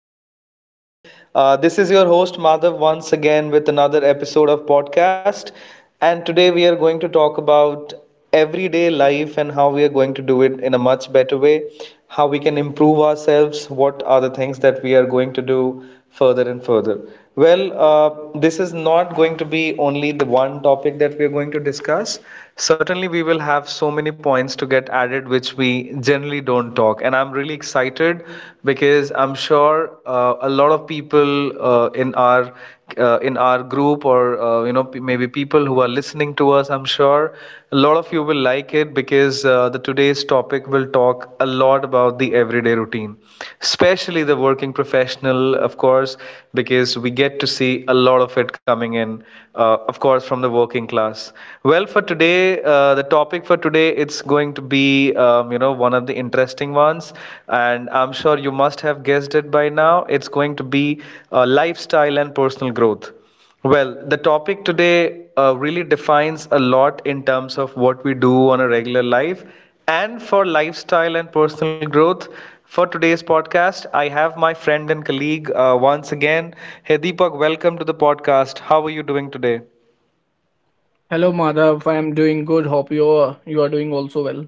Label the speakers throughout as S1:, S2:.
S1: doing amazing. This is your host, Madhav, once again with another episode of podcast. And today we are going to talk about everyday life and how we are going to do it in a much better way, how we can improve ourselves, what are the things that we are going to do further and further. Well, this is not going to be only the one topic that we are going to discuss. Certainly, we will have so many points to get added which we generally don't talk. And I'm really excited because I'm sure a lot of people in our group or maybe people who are listening to us, I'm sure a lot of you will like it because the today's topic will talk a lot about the everyday routine, especially the working professional, of course, because we get to see a lot of it coming in, of course, from the working class. Well, for today, the topic for today, it's going to be you know, one of the interesting ones, and I'm sure you must have guessed it by now. It's going to be lifestyle and personal growth. Well, the topic today really defines a lot in terms of what we do on a regular life and for lifestyle and personal growth. For today's podcast, I have my friend and colleague once again. Hey Deepak, welcome to the podcast. How are you doing today?
S2: Hello, Madhav. I am doing good. Hope you are doing also well.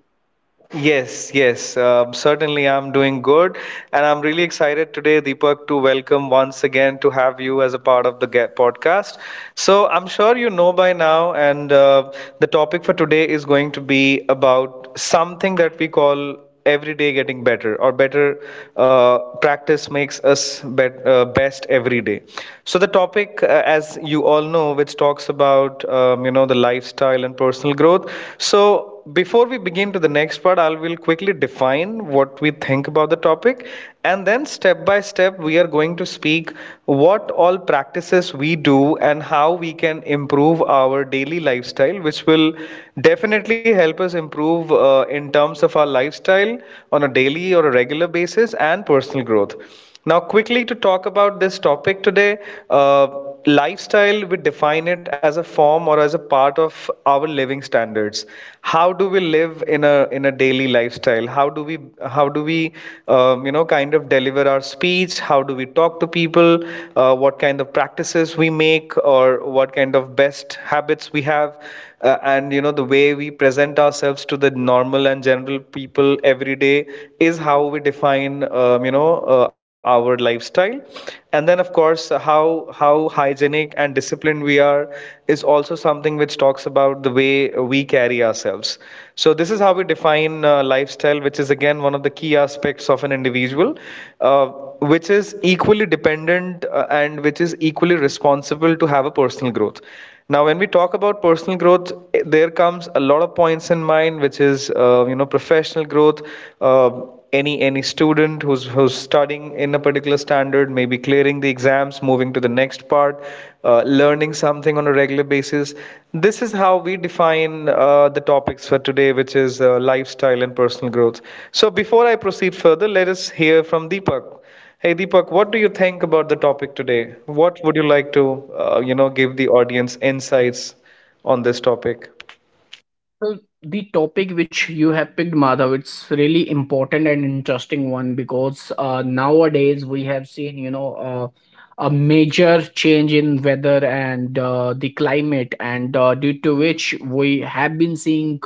S1: Yes, yes, certainly I'm doing good. And I'm really excited today, Deepak, to welcome once again to have you as a part of the Get podcast. So I'm sure you know by now, and the topic for today is going to be about something that we call every day getting better or better, practice makes us best every day. So the topic, as you all know, which talks about, you know, the lifestyle and personal growth. So before we begin to the next part, I will quickly define what we think about the topic, and then step by step we are going to speak what all practices we do and how we can improve our daily lifestyle, which will definitely help us improve in terms of our lifestyle on a daily or a regular basis and personal growth. Now, quickly to talk about this topic today, uh, lifestyle, we define it as a form or as a part of our living standards. How do we live in a daily lifestyle? How do we you know, kind of deliver our speech? How do we talk to people? What kind of practices we make or what kind of best habits we have? And you know, the way we present ourselves to the normal and general people every day is how we define, you know, our lifestyle. And then of course, how hygienic and disciplined we are is also something which talks about the way we carry ourselves. So this is how we define lifestyle, which is again one of the key aspects of an individual, uh, which is equally dependent and which is equally responsible to have a personal growth. Now, when we talk about personal growth, there comes a lot of points in mind, which is you know, professional growth. Uh, any student who's studying in a particular standard, maybe clearing the exams, moving to the next part, learning something on a regular basis. This is how we define the topics for today, which is lifestyle and personal growth. So, before I proceed further, let us hear from Deepak. Hey Deepak, what do you think about the topic today? What would you like to, you know, give the audience insights on this topic?
S2: So the topic which you have picked, Madhav, it's really important and interesting one because nowadays we have seen, you know, a major change in weather and the climate, and due to which we have been seeing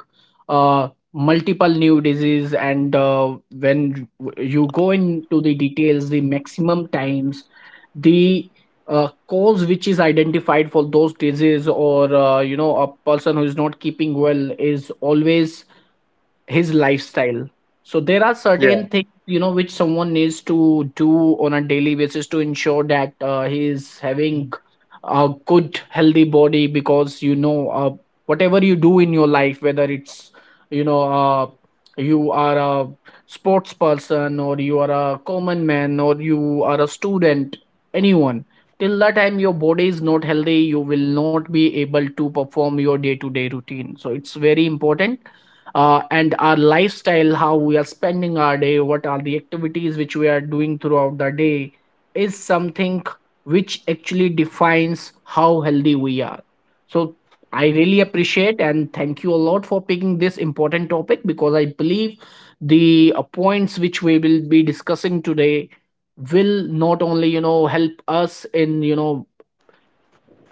S2: multiple new disease. And when you go into the details, the maximum times the cause which is identified for those disease or you know a person who is not keeping well is always his lifestyle. So there are
S1: Yeah.
S2: certain things, you know, which someone needs to do on a daily basis to ensure that he is having a good healthy body, because you know whatever you do in your life, whether it's you know you are a sports person or you are a common man or you are a student, anyone, till the time your body is not healthy, you will not be able to perform your day to day routine. So it's very important. And our lifestyle, how we are spending our day, what are the activities which we are doing throughout the day is something which actually defines how healthy we are. So I really appreciate and thank you a lot for picking this important topic, because I believe the points which we will be discussing today will not only you know help us in you know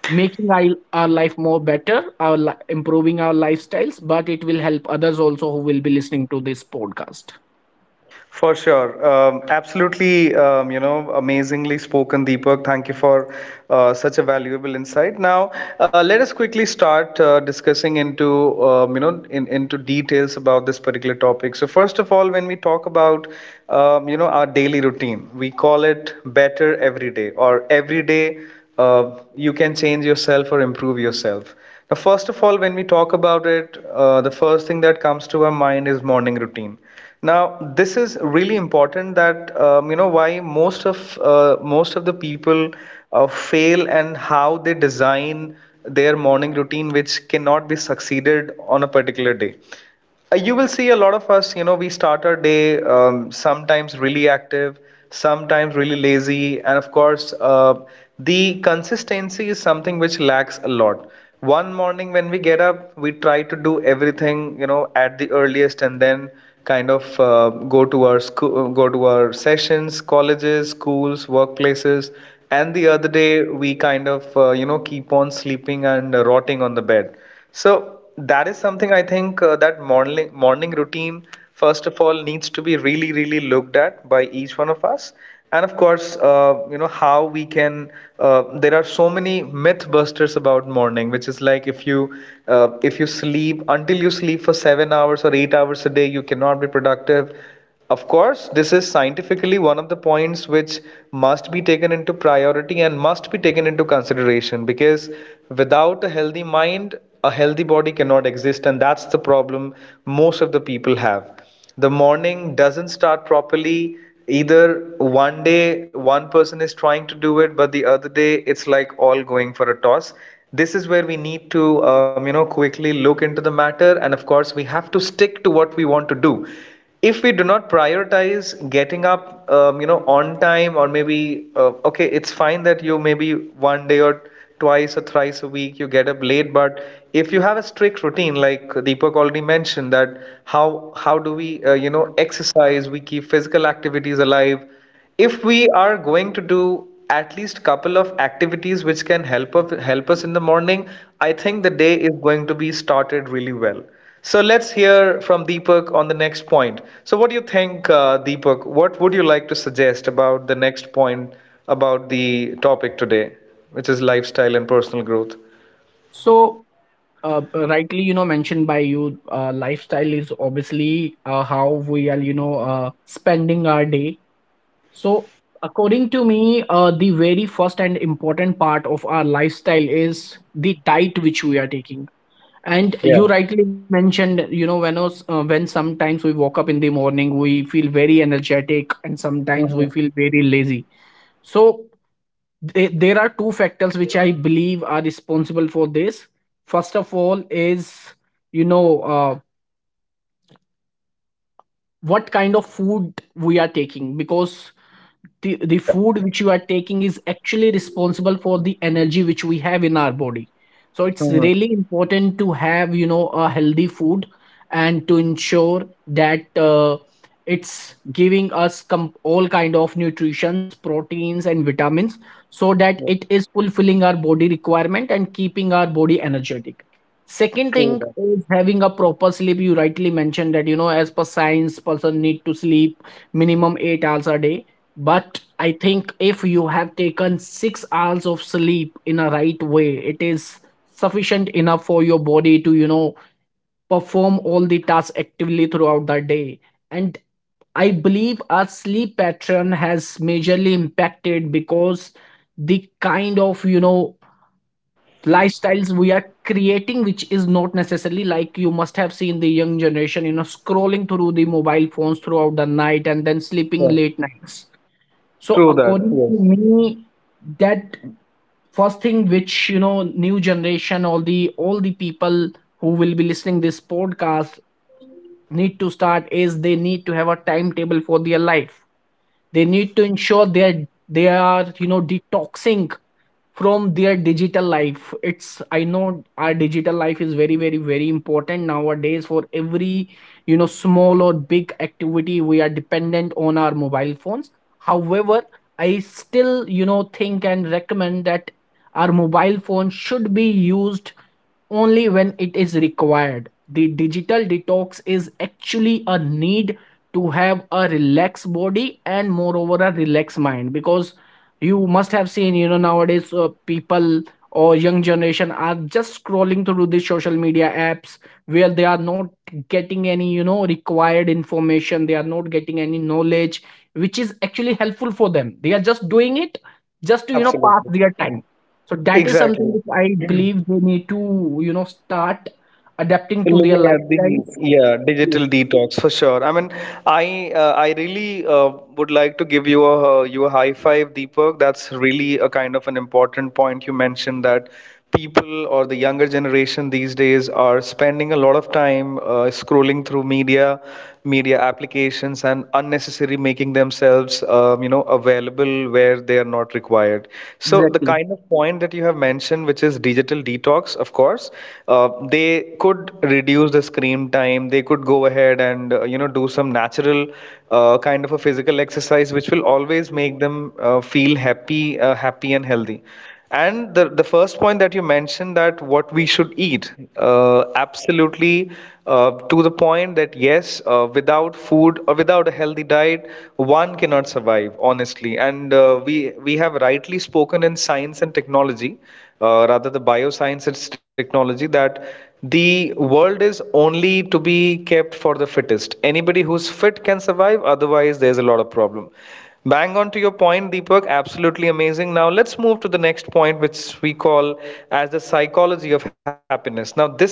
S2: making our life more better, improving our lifestyles, but it will help others also who will be listening to this podcast.
S1: For sure. Absolutely, you know, amazingly spoken, Deepak. Thank you for such a valuable insight. Now, let us quickly start discussing into, you know, into details about this particular topic. So, first of all, when we talk about, you know, our daily routine, we call it better every day or every day, you can change yourself or improve yourself. Now, first of all, when we talk about it, the first thing that comes to our mind is morning routine. Now, this is really important, that you know, why most of the people fail and how they design their morning routine, which cannot be succeeded on a particular day. You will see a lot of us, you know, we start our day, sometimes really active, sometimes really lazy, and of course, the consistency is something which lacks a lot. One morning when we get up, we try to do everything, you know, at the earliest, and then kind of go to our school, go to our sessions, colleges, schools, workplaces, and the other day we kind of, you know, keep on sleeping and rotting on the bed. So that is something I think, that morning routine first of all needs to be really looked at by each one of us. And of course, you know how we can. There are so many myth busters about morning, which is like if you sleep until you sleep for 7 hours or 8 hours a day, you cannot be productive. Of course, this is scientifically one of the points which must be taken into priority and must be taken into consideration, because without a healthy mind, a healthy body cannot exist, and that's the problem most of the people have. The morning doesn't start properly. Either one day one person is trying to do it, but the other day it's like all going for a toss. This is where we need to, you know, quickly look into the matter, and of course, we have to stick to what we want to do. If we do not prioritize getting up, you know, on time, or maybe okay, it's fine that you maybe one day or twice or thrice a week you get up late, but if you have a strict routine like Deepak already mentioned, that how do we you know, exercise, we keep physical activities alive, if we are going to do at least couple of activities which can help us in the morning, I think the day is going to be started really well. So let's hear from Deepak on the next point. So what do you think, Deepak, what would you like to suggest about the next point about the topic today, which is lifestyle and personal growth?
S2: So, rightly, you know, mentioned by you, lifestyle is obviously how we are, you know, spending our day. So, according to me, the very first and important part of our lifestyle is the diet which we are taking. And
S1: Yeah.
S2: you rightly mentioned, you know, when us, when sometimes we woke up in the morning, we feel very energetic, and sometimes
S1: Mm-hmm.
S2: we feel very lazy. So there are 2 factors which I believe are responsible for this. First of all, is you know what kind of food we are taking, because the
S1: Yeah.
S2: food which you are taking is actually responsible for the energy which we have in our body. So it's
S1: Mm-hmm.
S2: really important to have you know a healthy food, and to ensure that it's giving us all kind of nutritions, proteins and vitamins, so that
S1: Yeah.
S2: it is fulfilling our body requirement and keeping our body energetic. Second thing
S1: True that.
S2: is having a proper sleep. You rightly mentioned that you know as per science person need to sleep minimum 8 hours a day, but I think if you have taken 6 hours of sleep in a right way, it is sufficient enough for your body to, you know, perform all the tasks actively throughout the day. And I believe our sleep pattern has majorly impacted because the kind of, you know, lifestyles we are creating, which is not necessarily like you must have seen the young generation, you know, scrolling through the mobile phones throughout the night and then sleeping
S1: Yeah.
S2: late nights. So
S1: True that.
S2: according
S1: Yes.
S2: to me, that first thing which you know, new generation, all the people who will be listening this podcast need to start is they need to have a timetable for their life. They need to ensure they are you know detoxing from their digital life. It's, I know our digital life is very very very important nowadays. For every you know small or big activity we are dependent on our mobile phones. However, I still you know think and recommend that our mobile phone should be used only when it is required. The digital detox is actually a need to have a relaxed body and moreover a relaxed mind, because you must have seen you know nowadays people or young generation are just scrolling through the social media apps, where they are not getting any you know required information, they are not getting any knowledge which is actually helpful for them. They are just doing it just to you know pass
S1: Absolutely.
S2: their time. So that is something
S1: Exactly.
S2: which I believe they need to you know start adapting to their
S1: Looking at the,
S2: lifestyles.
S1: yeah,
S2: Yes.
S1: digital detox for sure. I mean, I really would like to give you a, high five, Deepak. That's really a kind of an important point you mentioned, that people or the younger generation these days are spending a lot of time scrolling through media, media applications, and unnecessarily making themselves, you know, available where they are not required. So the
S2: Exactly.
S1: kind of point that you have mentioned, which is digital detox, of course, they could reduce the screen time. They could go ahead and you know, do some natural kind of a physical exercise, which will always make them feel happy, happy and healthy. And the first point that you mentioned, that what we should eat, absolutely, to the point that yes, without food or without a healthy diet, one cannot survive, honestly. And we have rightly spoken in science and technology, rather the bioscience and technology, that the world is only to be kept for the fittest. Anybody who's fit can survive. Otherwise, there's a lot of problem. Bang on to your point, Deepak. Absolutely amazing. Now let's move to the next point, which we call as the psychology of happiness. Now this is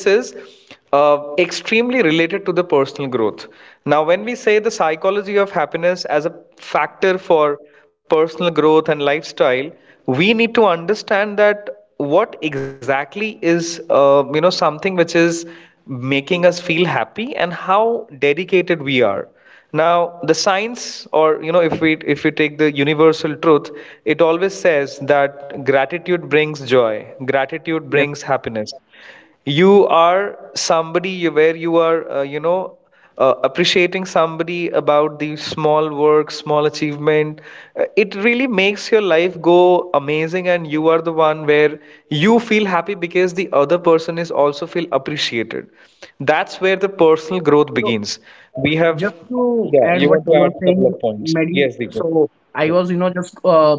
S1: extremely related to the personal growth. Now, when we say the psychology of happiness as a factor for personal growth and lifestyle, we need to understand that what exactly is something which is making us feel happy and how dedicated we are. Now the science, or if we take the universal truth, it always says that gratitude brings joy, gratitude
S2: Yes.
S1: brings happiness. You are somebody where you are, appreciating somebody about the small work, small achievement. It really makes your life go amazing, and you are the one where you feel happy because the other person is also feel appreciated. That's where the personal growth
S2: So,
S1: begins. We have.
S2: just to
S1: Yeah,
S2: add
S1: you
S2: what
S1: want to
S2: you
S1: add
S2: are
S1: a couple
S2: saying,
S1: of points.
S2: medi
S1: Yes, Deepak.
S2: so I
S1: Yeah.
S2: was you know just uh,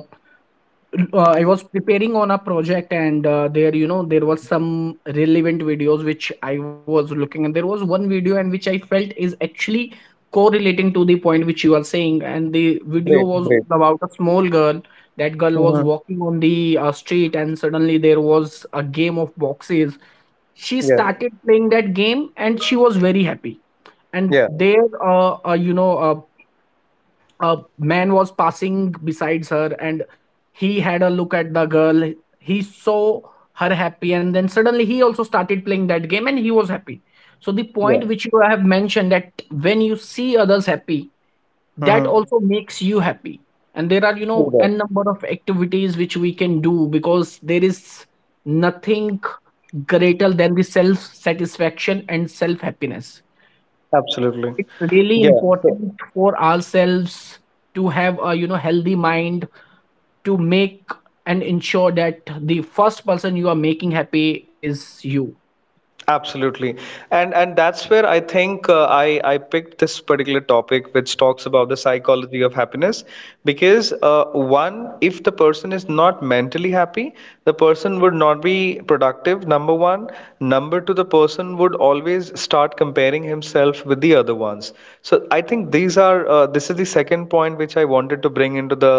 S2: uh, I was preparing on a project, and there you know there was some relevant videos which I was looking, and there was one video and which I felt is actually correlating to the point which you are saying. And the video
S1: Great,
S2: was
S1: great.
S2: about a small girl. That girl was
S1: Hmm.
S2: walking on the street, and suddenly there was a game of boxes. She
S1: Yeah.
S2: started playing that game and she was very happy. And
S1: Yeah.
S2: there you know a man was passing besides her, and he had a look at the girl. He saw her happy, and then suddenly he also started playing that game and he was happy. So the
S1: Yeah.
S2: point which you have mentioned, that when you see others happy, that
S1: Hmm.
S2: also makes you happy. And there are you
S1: True
S2: know
S1: that.
S2: n number of activities which we can do, because there is nothing greater than the self satisfaction and self happiness.
S1: Absolutely.
S2: It's really
S1: Yeah. So,
S2: important for ourselves to have a you know healthy mind, to make and ensure that the first person you are making happy is you.
S1: absolutely. And that's where I think I picked this particular topic which talks about the psychology of happiness, because one, if the person is not mentally happy, the person would not be productive, number one. Number two, the person would always start comparing himself with the other ones. So I think these are this is the second point which I wanted to bring into the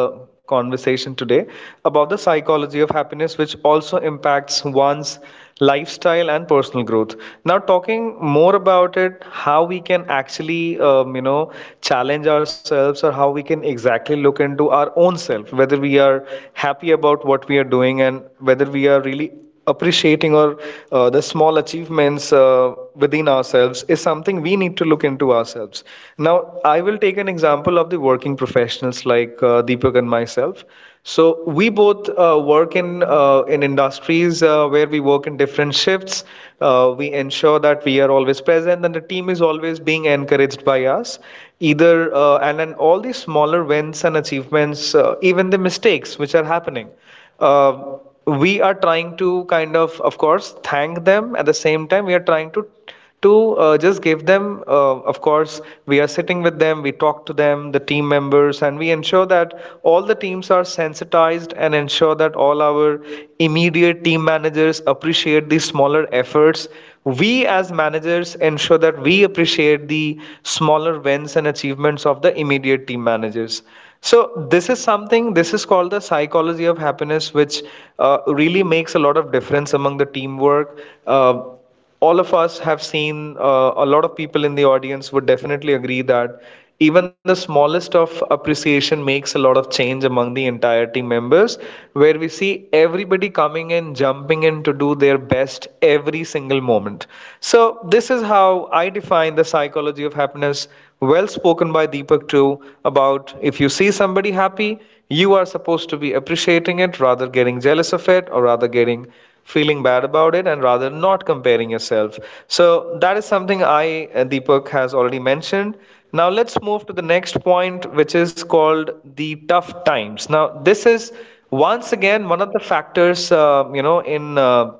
S1: conversation today about the psychology of happiness, which also impacts one's lifestyle and personal growth. Now talking more about it, how we can actually challenge ourselves, or how we can exactly look into our own self whether we are happy about what we are doing and whether we are really appreciating or the small achievements within ourselves is something we need to look into ourselves. Now, I will take an example of the working professionals like Deepak and myself. So we both work in industries where we work in different shifts. We ensure that we are always present, and the team is always being encouraged by us. Either and then all these smaller wins and achievements, even the mistakes which are happening. Uh, we are trying to kind of course, thank them. At the same time, we are trying to just give them, of course, we are sitting with them, we talk to them, the team members, and we ensure that all the teams are sensitized and ensure that all our immediate team managers appreciate the smaller efforts. We, as managers, ensure that we appreciate the smaller wins and achievements of the immediate team managers. So, this is something, this is called the psychology of happiness, which really makes a lot of difference among the teamwork. Uh, all of us have seen, a lot of people in the audience would definitely agree that even the smallest of appreciation makes a lot of change among the entire team members, where we see everybody coming in, jumping in to do their best every single moment. So this is how I define the psychology of happiness. Well spoken by Deepak too, about if you see somebody happy, you are supposed to be appreciating it, rather getting jealous of it, or rather getting feeling bad about it, and rather not comparing yourself. So that is something I, Deepak, has already mentioned. Now let's move to the next point, which is called the tough times. Now this is once again one of the factors,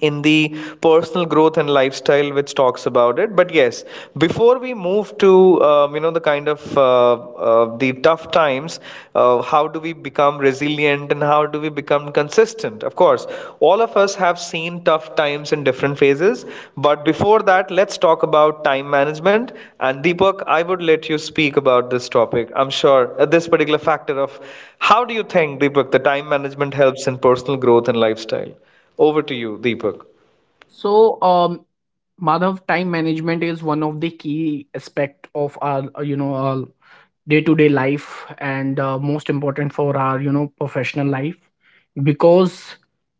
S1: in the personal growth and lifestyle, which talks about it. But yes, before we move to the kind of the tough times, how do we become resilient and how do we become consistent? Of course, all of us have seen tough times in different phases, but before that, let's talk about time management. And Deepak, I would let you speak about this topic. I'm sure this particular factor of how do you think, Deepak, the time management helps in personal growth and lifestyle. Over to you, Deepak.
S2: So um, Madhav, time management is one of the key aspect of our you know our day-to-day life, and most important for our you know professional life. Because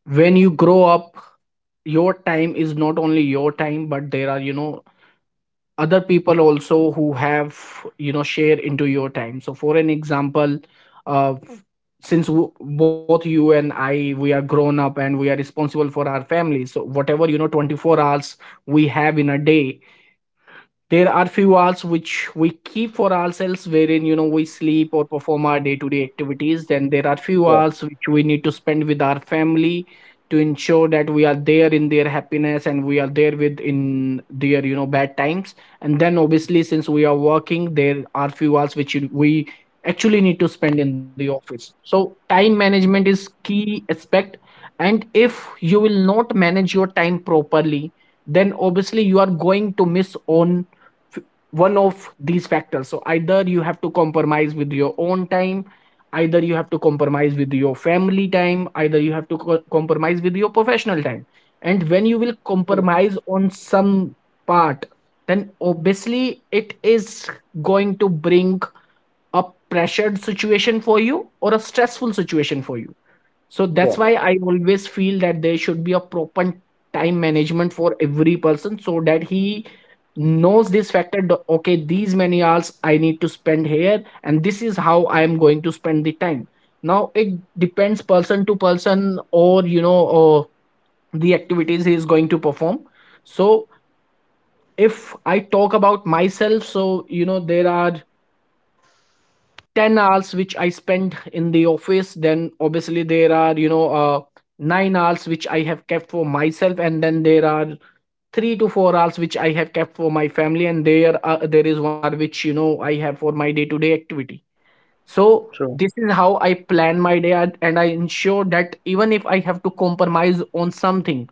S2: when you grow up, your time is not only your time, but there are you know other people also who have you know share into your time. So for an example, uh, since both you and I we are grown up and we are responsible for our families, so whatever you know 24 hours we have in a day, there are few hours which we keep for ourselves, wherein you know we sleep or perform our day-to-day activities. Then there are few
S1: Yeah,
S2: hours which we need to spend with our family, to ensure that we are there in their happiness and we are there with in their you know bad times. And then obviously since we are working, there are few hours which we actually need to spend in the office. So time management is key aspect, and if you will not manage your time properly, then obviously you are going to miss on f- one of these factors. So either you have to compromise with your own time, either you have to compromise with your family time, either you have to compromise with your professional time. And when you will compromise on some part, then obviously it is going to bring a pressured situation for you or a stressful situation for you. So that's
S1: yeah,
S2: why I always feel that there should be a proper time management for every person, so that he knows this factor okay, these many hours I need to spend here and this is how I am going to spend the time. Now it depends person to person, or you know, or the activities he is going to perform. So if I talk about myself, so you know there are 10 hours which I spend in the office, then obviously there are you know 9 hours which I have kept for myself, and then there are 3 to 4 hours which I have kept for my family, and there is 1 hour which you know I have for my day to day activity. So
S1: true.
S2: this is how I plan my day and I ensure that even if I have to compromise on something,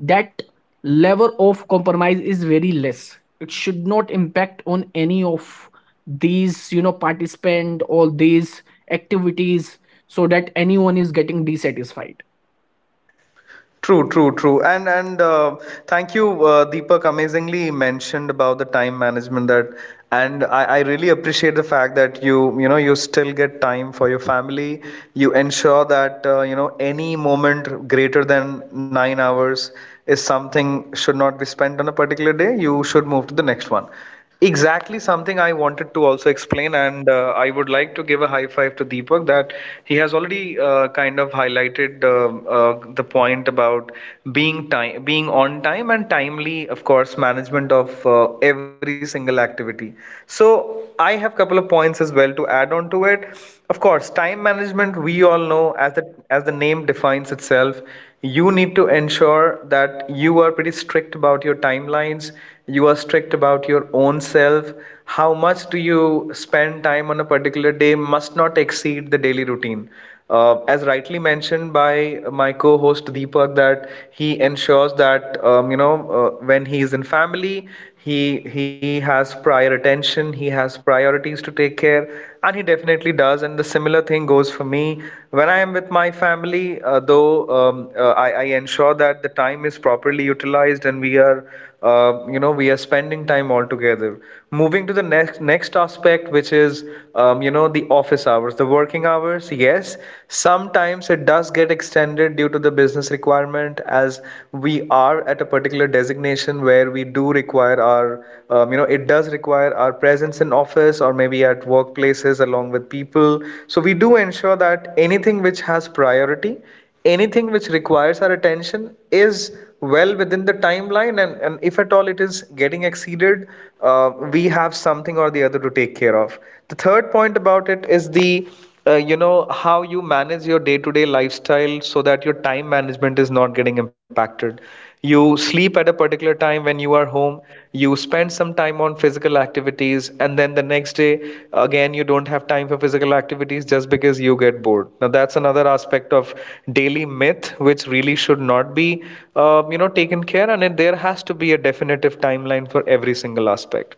S2: that level of compromise is very less. It should not impact on any of these, you know, participant or these activities, so that anyone is getting dissatisfied.
S1: True, true, true. And thank you, Deepak, amazingly mentioned about the time management that, and I really appreciate the fact that you know you still get time for your family. You ensure that any moment greater than 9 hours is something should not be spent on a particular day. You should move to the next one. Exactly something I wanted to also explain, and I would like to give a high five to Deepak that he has already kind of highlighted the point about being time, being on time and timely, of course, management of every single activity. So I have couple of points as well to add on to it. Of course, time management we all know, as the name defines itself, you need to ensure that you are pretty strict about your timelines. You are strict about your own self. How much do you spend time on a particular day must not exceed the daily routine, as rightly mentioned by my co-host Deepak, that he ensures that when he is in family, he has prior attention, he has priorities to take care, and he definitely does. And the similar thing goes for me when I am with my family, though I ensure that the time is properly utilized and we are, we are spending time all together. Moving to the next aspect, which is, the office hours, the working hours. Yes, sometimes it does get extended due to the business requirement, as we are at a particular designation where we do require our, it does require our presence in office or maybe at workplaces along with people. So we do ensure that anything which has priority, anything which requires our attention is well within the timeline. And if at all it is getting exceeded, we have something or the other to take care of. The third point about it is the, how you manage your day-to-day lifestyle so that your time management is not getting impacted. You sleep at a particular time when you are home, you spend some time on physical activities, and then the next day again you don't have time for physical activities just because you get bored. Now that's another aspect of daily myth which really should not be taken care, and there has to be a definitive timeline for every single aspect.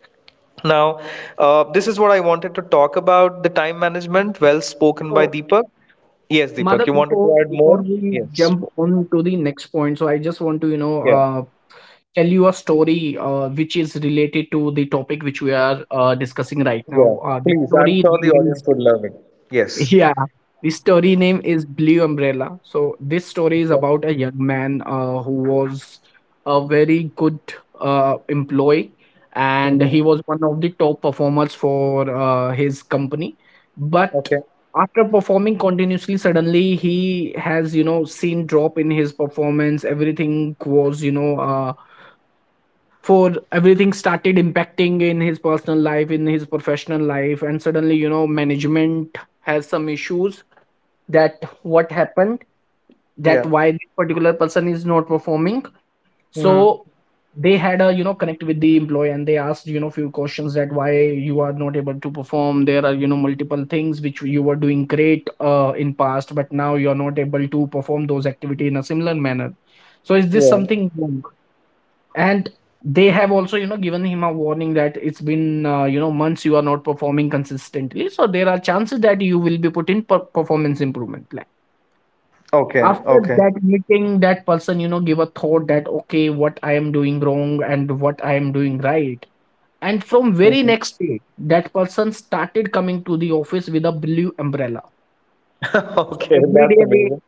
S1: Now, this is what I wanted to talk about the time management. Well spoken by
S2: So
S1: Deepak. Yes, Deepak,
S2: Mother,
S1: you wanted
S2: before
S1: to add
S2: before
S1: more?
S2: we
S1: Yes.
S2: jump on to the next point, so I just want to, you know,
S1: Yeah,
S2: tell you a story which is related to the topic which we are discussing right
S1: yeah.
S2: now. The
S1: Please, I'm
S2: story
S1: sure
S2: name
S1: the
S2: is
S1: audience would love it. Yes.
S2: yeah, the story name is Blue Umbrella. So this story is
S1: Okay.
S2: about a young man who was a very good employee, and he
S1: Yeah.
S2: was one of the top performers for his company. But
S1: Okay.
S2: after performing continuously, suddenly he has you know seen drop in his performance. Everything was you know. For everything started impacting in his personal life, in his professional life. And suddenly management has some issues that what happened, that
S1: Yeah.
S2: why this particular person is not performing. So
S1: Hmm.
S2: they had a connect with the employee, and they asked few questions that why you are not able to perform. There are multiple things which you were doing great in past, but now you are not able to perform those activity in a similar manner. So is this
S1: Yeah.
S2: something wrong? And they have also given him a warning that it's been months you are not performing consistently, so there are chances that you will be put in performance improvement plan.
S1: Okay.
S2: After
S1: Okay.
S2: that meeting, that person give a thought that, okay, what I am doing wrong and what I am doing right. And from very
S1: Mhm.
S2: next day, that person started coming to the office with a blue umbrella. So
S1: Okay.
S2: every
S1: That's
S2: day they
S1: amazing.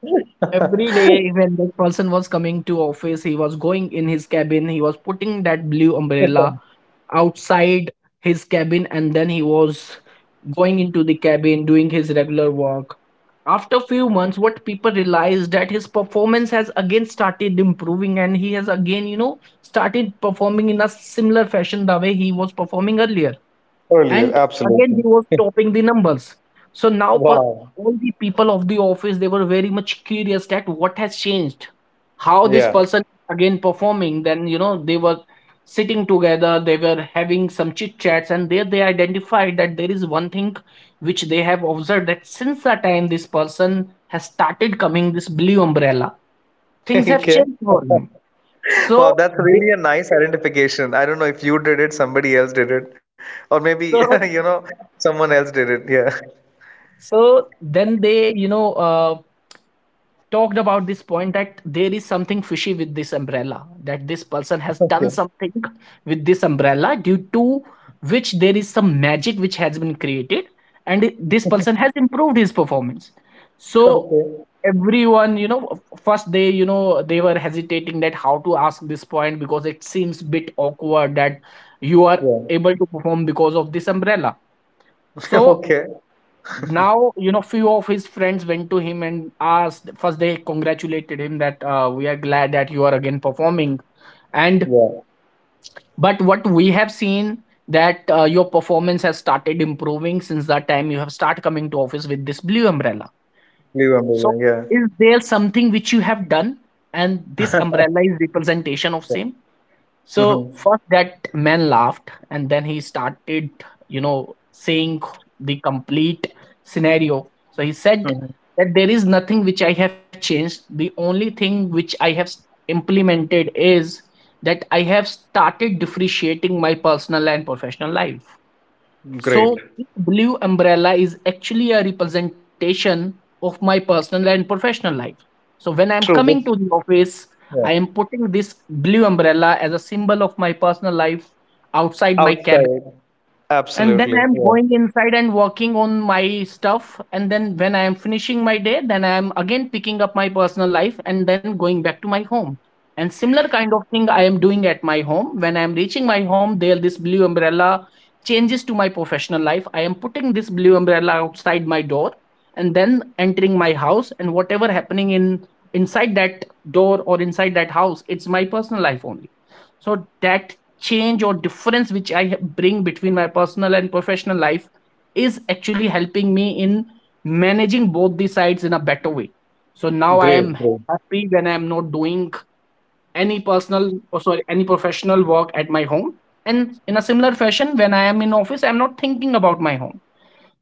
S2: Every day when that person was coming to office, he was going in his cabin, he was putting that blue umbrella outside his cabin, and then he was going into the cabin doing his regular work. After few months, what people realized that his performance has again started improving, and he has again started performing in a similar fashion the way he was performing earlier.
S1: Earlier,
S2: And again he
S1: absolutely.
S2: was topping the numbers. So now.
S1: Wow.
S2: All the people of the office, they were very much curious that what has changed, how this
S1: Yeah.
S2: person again performing. Then they were sitting together, they were having some chit chats, and there they identified that there is one thing which they have observed, that since the time this person has started coming this blue umbrella, things have
S1: Okay.
S2: changed for him.
S1: Wow,
S2: So,
S1: that's
S2: they,
S1: really a nice identification. I don't know if you did it, somebody else did it, or maybe,
S2: so,
S1: you know, someone else did it. Yeah.
S2: so then they talked about this point that there is something fishy with this umbrella, that this person has done
S1: Okay.
S2: something with this umbrella, due to which there is some magic which has been created and this person has improved his performance. So
S1: Okay.
S2: everyone first they they were hesitating that how to ask this point, because it seems bit awkward that you are
S1: Yeah.
S2: able to perform because of this umbrella. So
S1: Okay.
S2: now few of his friends went to him and asked. First they congratulated him that, we are glad that you are again performing, and
S1: Yeah.
S2: but what we have seen that your performance has started improving since that time you have started coming to office with this blue umbrella.
S1: Leave Umbrella.
S2: So
S1: Yeah.
S2: is there something which you have done and this umbrella is representation of
S1: Yeah.
S2: same? So
S1: Mm-hmm.
S2: first that man laughed, and then he started, saying the complete scenario. So he said
S1: Mm-hmm.
S2: that there is nothing which I have changed. The only thing which I have implemented is that I have started differentiating my personal and professional life.
S1: Great.
S2: So, this blue umbrella is actually a representation of my personal and professional life. So, when I am
S1: True.
S2: coming
S1: Which,
S2: to the office, I
S1: yeah.
S2: am putting this blue umbrella as a symbol of my personal life outside my cabin,
S1: Outside,
S2: and then
S1: absolutely.
S2: I'm
S1: Yeah.
S2: going inside and working on my stuff. And then when I am finishing my day, then I am again picking up my personal life and then going back to my home. And similar kind of thing I am doing at my home. When I am reaching my home, there this blue umbrella changes to my professional life. I am putting this blue umbrella outside my door and then entering my house, and whatever happening in inside that door or inside that house, it's my personal life only. So that change or difference which I bring between my personal and professional life is actually helping me in managing both the sides in a better way. So now I
S1: Great,
S2: am
S1: great.
S2: happy when I am not doing any personal or sorry any professional work at my home. And in a similar fashion, when I am in office, I am not thinking about my home.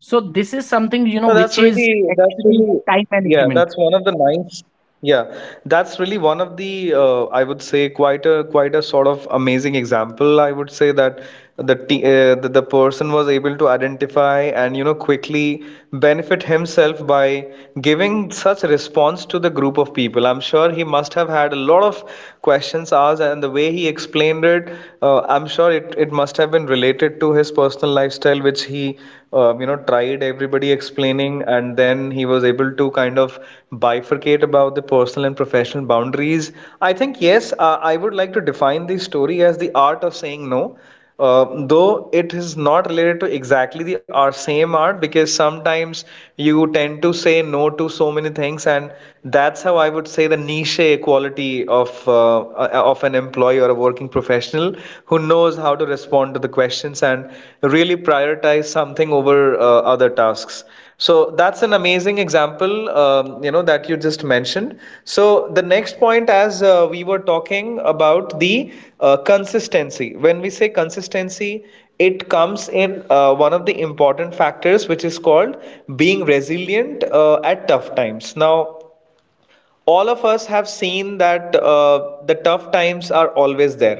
S2: So this is
S1: No,
S2: something which is
S1: that's really,
S2: actually time
S1: yeah, that's
S2: management.
S1: one of the nice, yeah, that's really one of the, I would say, quite a, quite a sort of amazing example. I would say that the person was able to identify and, you know, quickly benefit himself by giving such response to the group of people. I'm sure he must have had a lot of questions asked, and the way he explained it, I'm sure it must have been really related to his personal lifestyle, which he, tried everybody explaining, and then he was able to kind of bifurcate about the personal and professional boundaries. I think, yes, I would like to define the story as the art of saying no. Though it is not related to exactly the our same art, because sometimes you tend to say no to so many things, and that's how I would say the niche quality of uh, of an employee or a working professional who knows how to respond to the questions and really prioritize something over other tasks. So that's an amazing example, that you just mentioned. So the next point, as we were talking about the, consistency, when we say consistency, it comes in one of the important factors, which is called being resilient at tough times. Now, all of us have seen that the tough times are always there.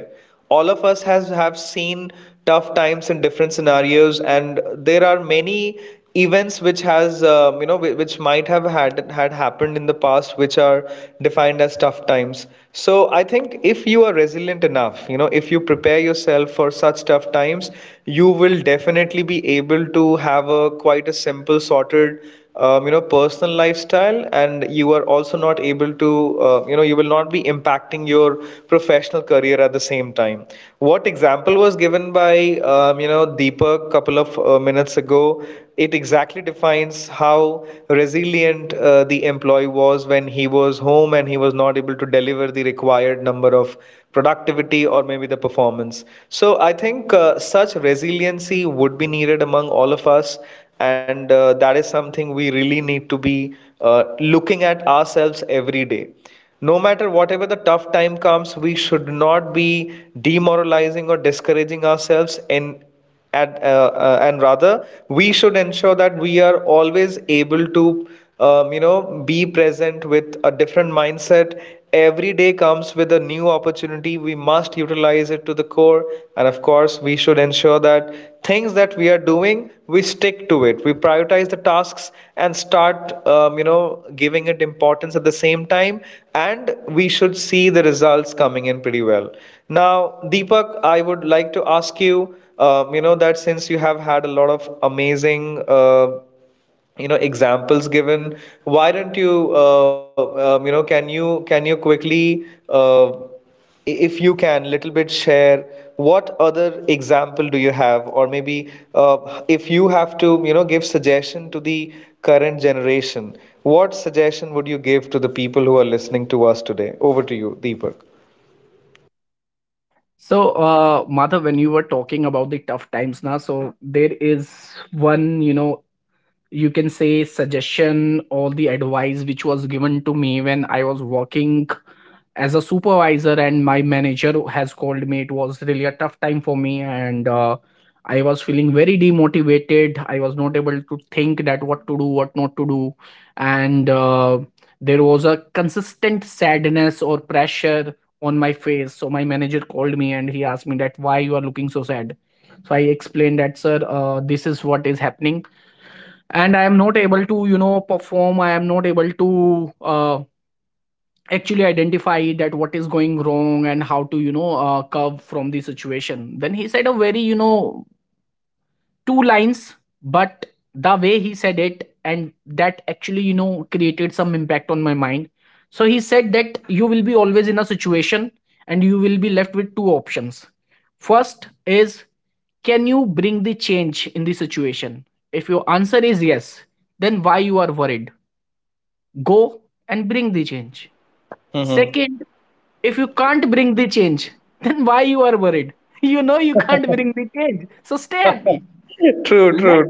S1: All of us has have seen tough times in different scenarios, and there are many events which has which might have had happened in the past, which are defined as tough times. So I think if you are resilient enough, you know, if you prepare yourself for such tough times, you will definitely be able to have a quite a simple sorted, personal lifestyle, and you are also not able to you will not be impacting your professional career at the same time. What example was given by, Deepak couple of minutes ago, it exactly defines how resilient the employee was when he was home and he was not able to deliver the required number of productivity, or maybe the performance. So I think Such resiliency would be needed among all of us. And that is something we really need to be looking at ourselves every day. No matter whatever the tough time comes, we should not be demoralizing or discouraging ourselves, and rather we should ensure that we are always able to be present with a different mindset. Every day comes with a new opportunity. We must utilize it to the core. And of course, we should ensure that things that we are doing, we stick to it. We prioritize the tasks and start, giving it importance at the same time. And we should see the results coming in pretty well. Now, Deepak, I would like to ask you, that since you have had a lot of amazing, examples given, why don't you you know can you quickly if you can little bit share what other example do you have, or maybe if you have to, you know, give suggestion to the current generation, what suggestion would you give to the people who are listening to us today? Over to you, Deepak.
S2: So, Madhav, when you were talking about the tough times now, so there is one, you can say suggestion or the advice which was given to me when I was working as a supervisor, and my manager has called me. It was really a tough time for me, and I was feeling very demotivated. I was not able to think that what to do, what not to do. And there was a consistent sadness or pressure on my face. So my manager called me and he asked me that why you are looking so sad. So I explained that, sir, this is what is happening, and I am not able to perform. I am not able to actually identify that what is going wrong and how to curve from the situation. Then he said a very two lines, but the way he said it, and that actually, created some impact on my mind. So he said that you will be always in a situation and you will be left with two options. First is, can you bring the change in the situation? If your answer is yes, then why you are worried? Go and bring the
S1: Yeah.
S2: change.
S1: Mm-hmm.
S2: Second, if you can't bring the change, then why you are worried? You know you can't bring the change. So stay happy.
S1: True,
S2: Let
S1: true,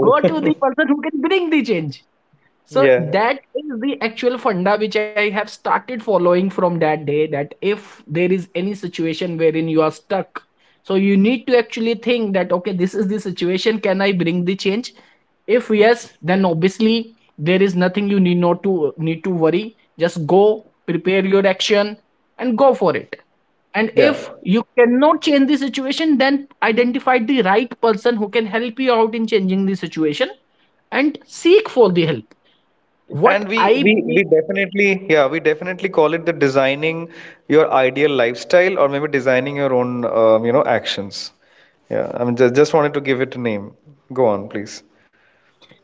S2: Go to the person who can bring the change.
S1: Yeah,
S2: So that is the actual funda which I have started following from that day, that if there is any situation wherein you are stuck, so you need to actually think that, okay, this is the situation, can I bring the change? If yes, then obviously there is nothing you need not to need to worry. Just go, prepare your action and go for it. And
S1: yeah.
S2: if you cannot change the situation, then identify the right person who can help you out in changing the situation and seek for the help.
S1: And
S2: What
S1: we,
S2: I
S1: we we
S2: believe,
S1: definitely, yeah, we definitely call it the designing your ideal lifestyle, or maybe designing your own, actions. Yeah, I mean, just wanted to give it a name. Go on, please.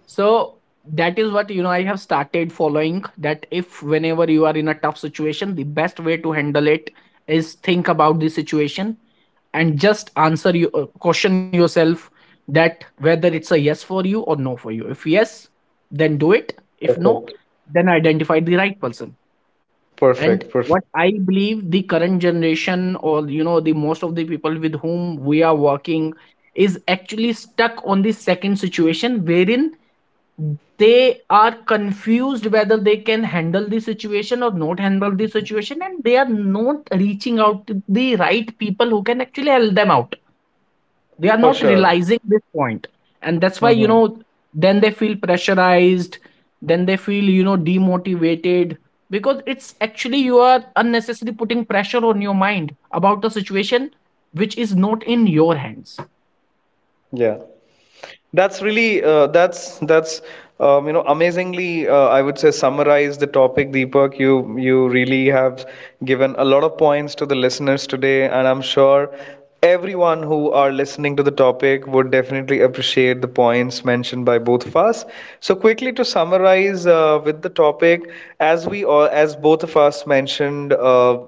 S2: so that is what I have started following, that if whenever you are in a tough situation, the best way to handle it is think about the situation and just answer you question yourself that whether it's a yes for you or no for you. If yes, then do it. If no,
S1: Perfect.
S2: then identify the right person. And
S1: Perfect.
S2: what
S1: Perfect.
S2: I believe, the current generation or the most of the people with whom we are working is actually stuck on the second situation, wherein they are confused whether they can handle the situation or not handle the situation, and they are not reaching out to the right people who can actually help them out. They are
S1: For
S2: not
S1: sure.
S2: realizing this point, and that's why
S1: Mm-hmm.
S2: then they feel pressurized, then they feel demotivated. Because it's actually you are unnecessarily putting pressure on your mind about a situation which is not in your hands.
S1: Yeah. That's really that's you know amazingly, I would say, summarize the topic, Deepak. You really have given a lot of points to the listeners today, and I'm sure everyone who are listening to the topic would definitely appreciate the points mentioned by both of us. So quickly, to summarize with the topic, as we all as both of us mentioned, uh,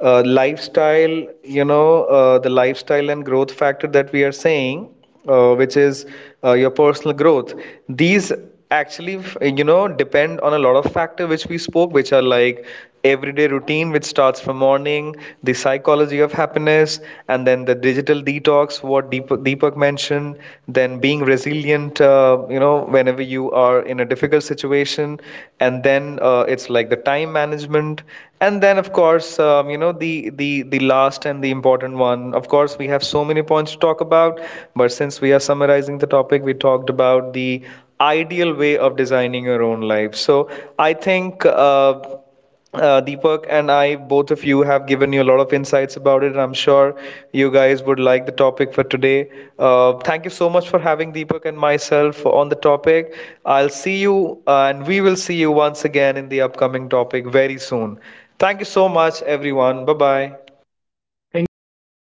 S1: uh, lifestyle, you know, the lifestyle and growth factor that we are saying, which is your personal growth, these actually, depend on a lot of factor which we spoke, which are like everyday routine, which starts from morning, the psychology of happiness, and then the digital detox, what Deepak mentioned, then and being resilient, whenever you are in a difficult situation. And then it's like the time management. And then, of course, the last and the important one. Of course, we have so many points to talk about, but since we are summarizing the topic, we talked about the ideal way of designing your own life. So I think. Deepak and I, both of you, have given you a lot of insights about it, and I'm sure you guys would like the topic for today. Thank you so much for having Deepak and myself on the topic. I'll see you, and we will see you once again in the upcoming topic very soon. Thank you so much, everyone. Bye bye.
S2: Thank you so much. Bye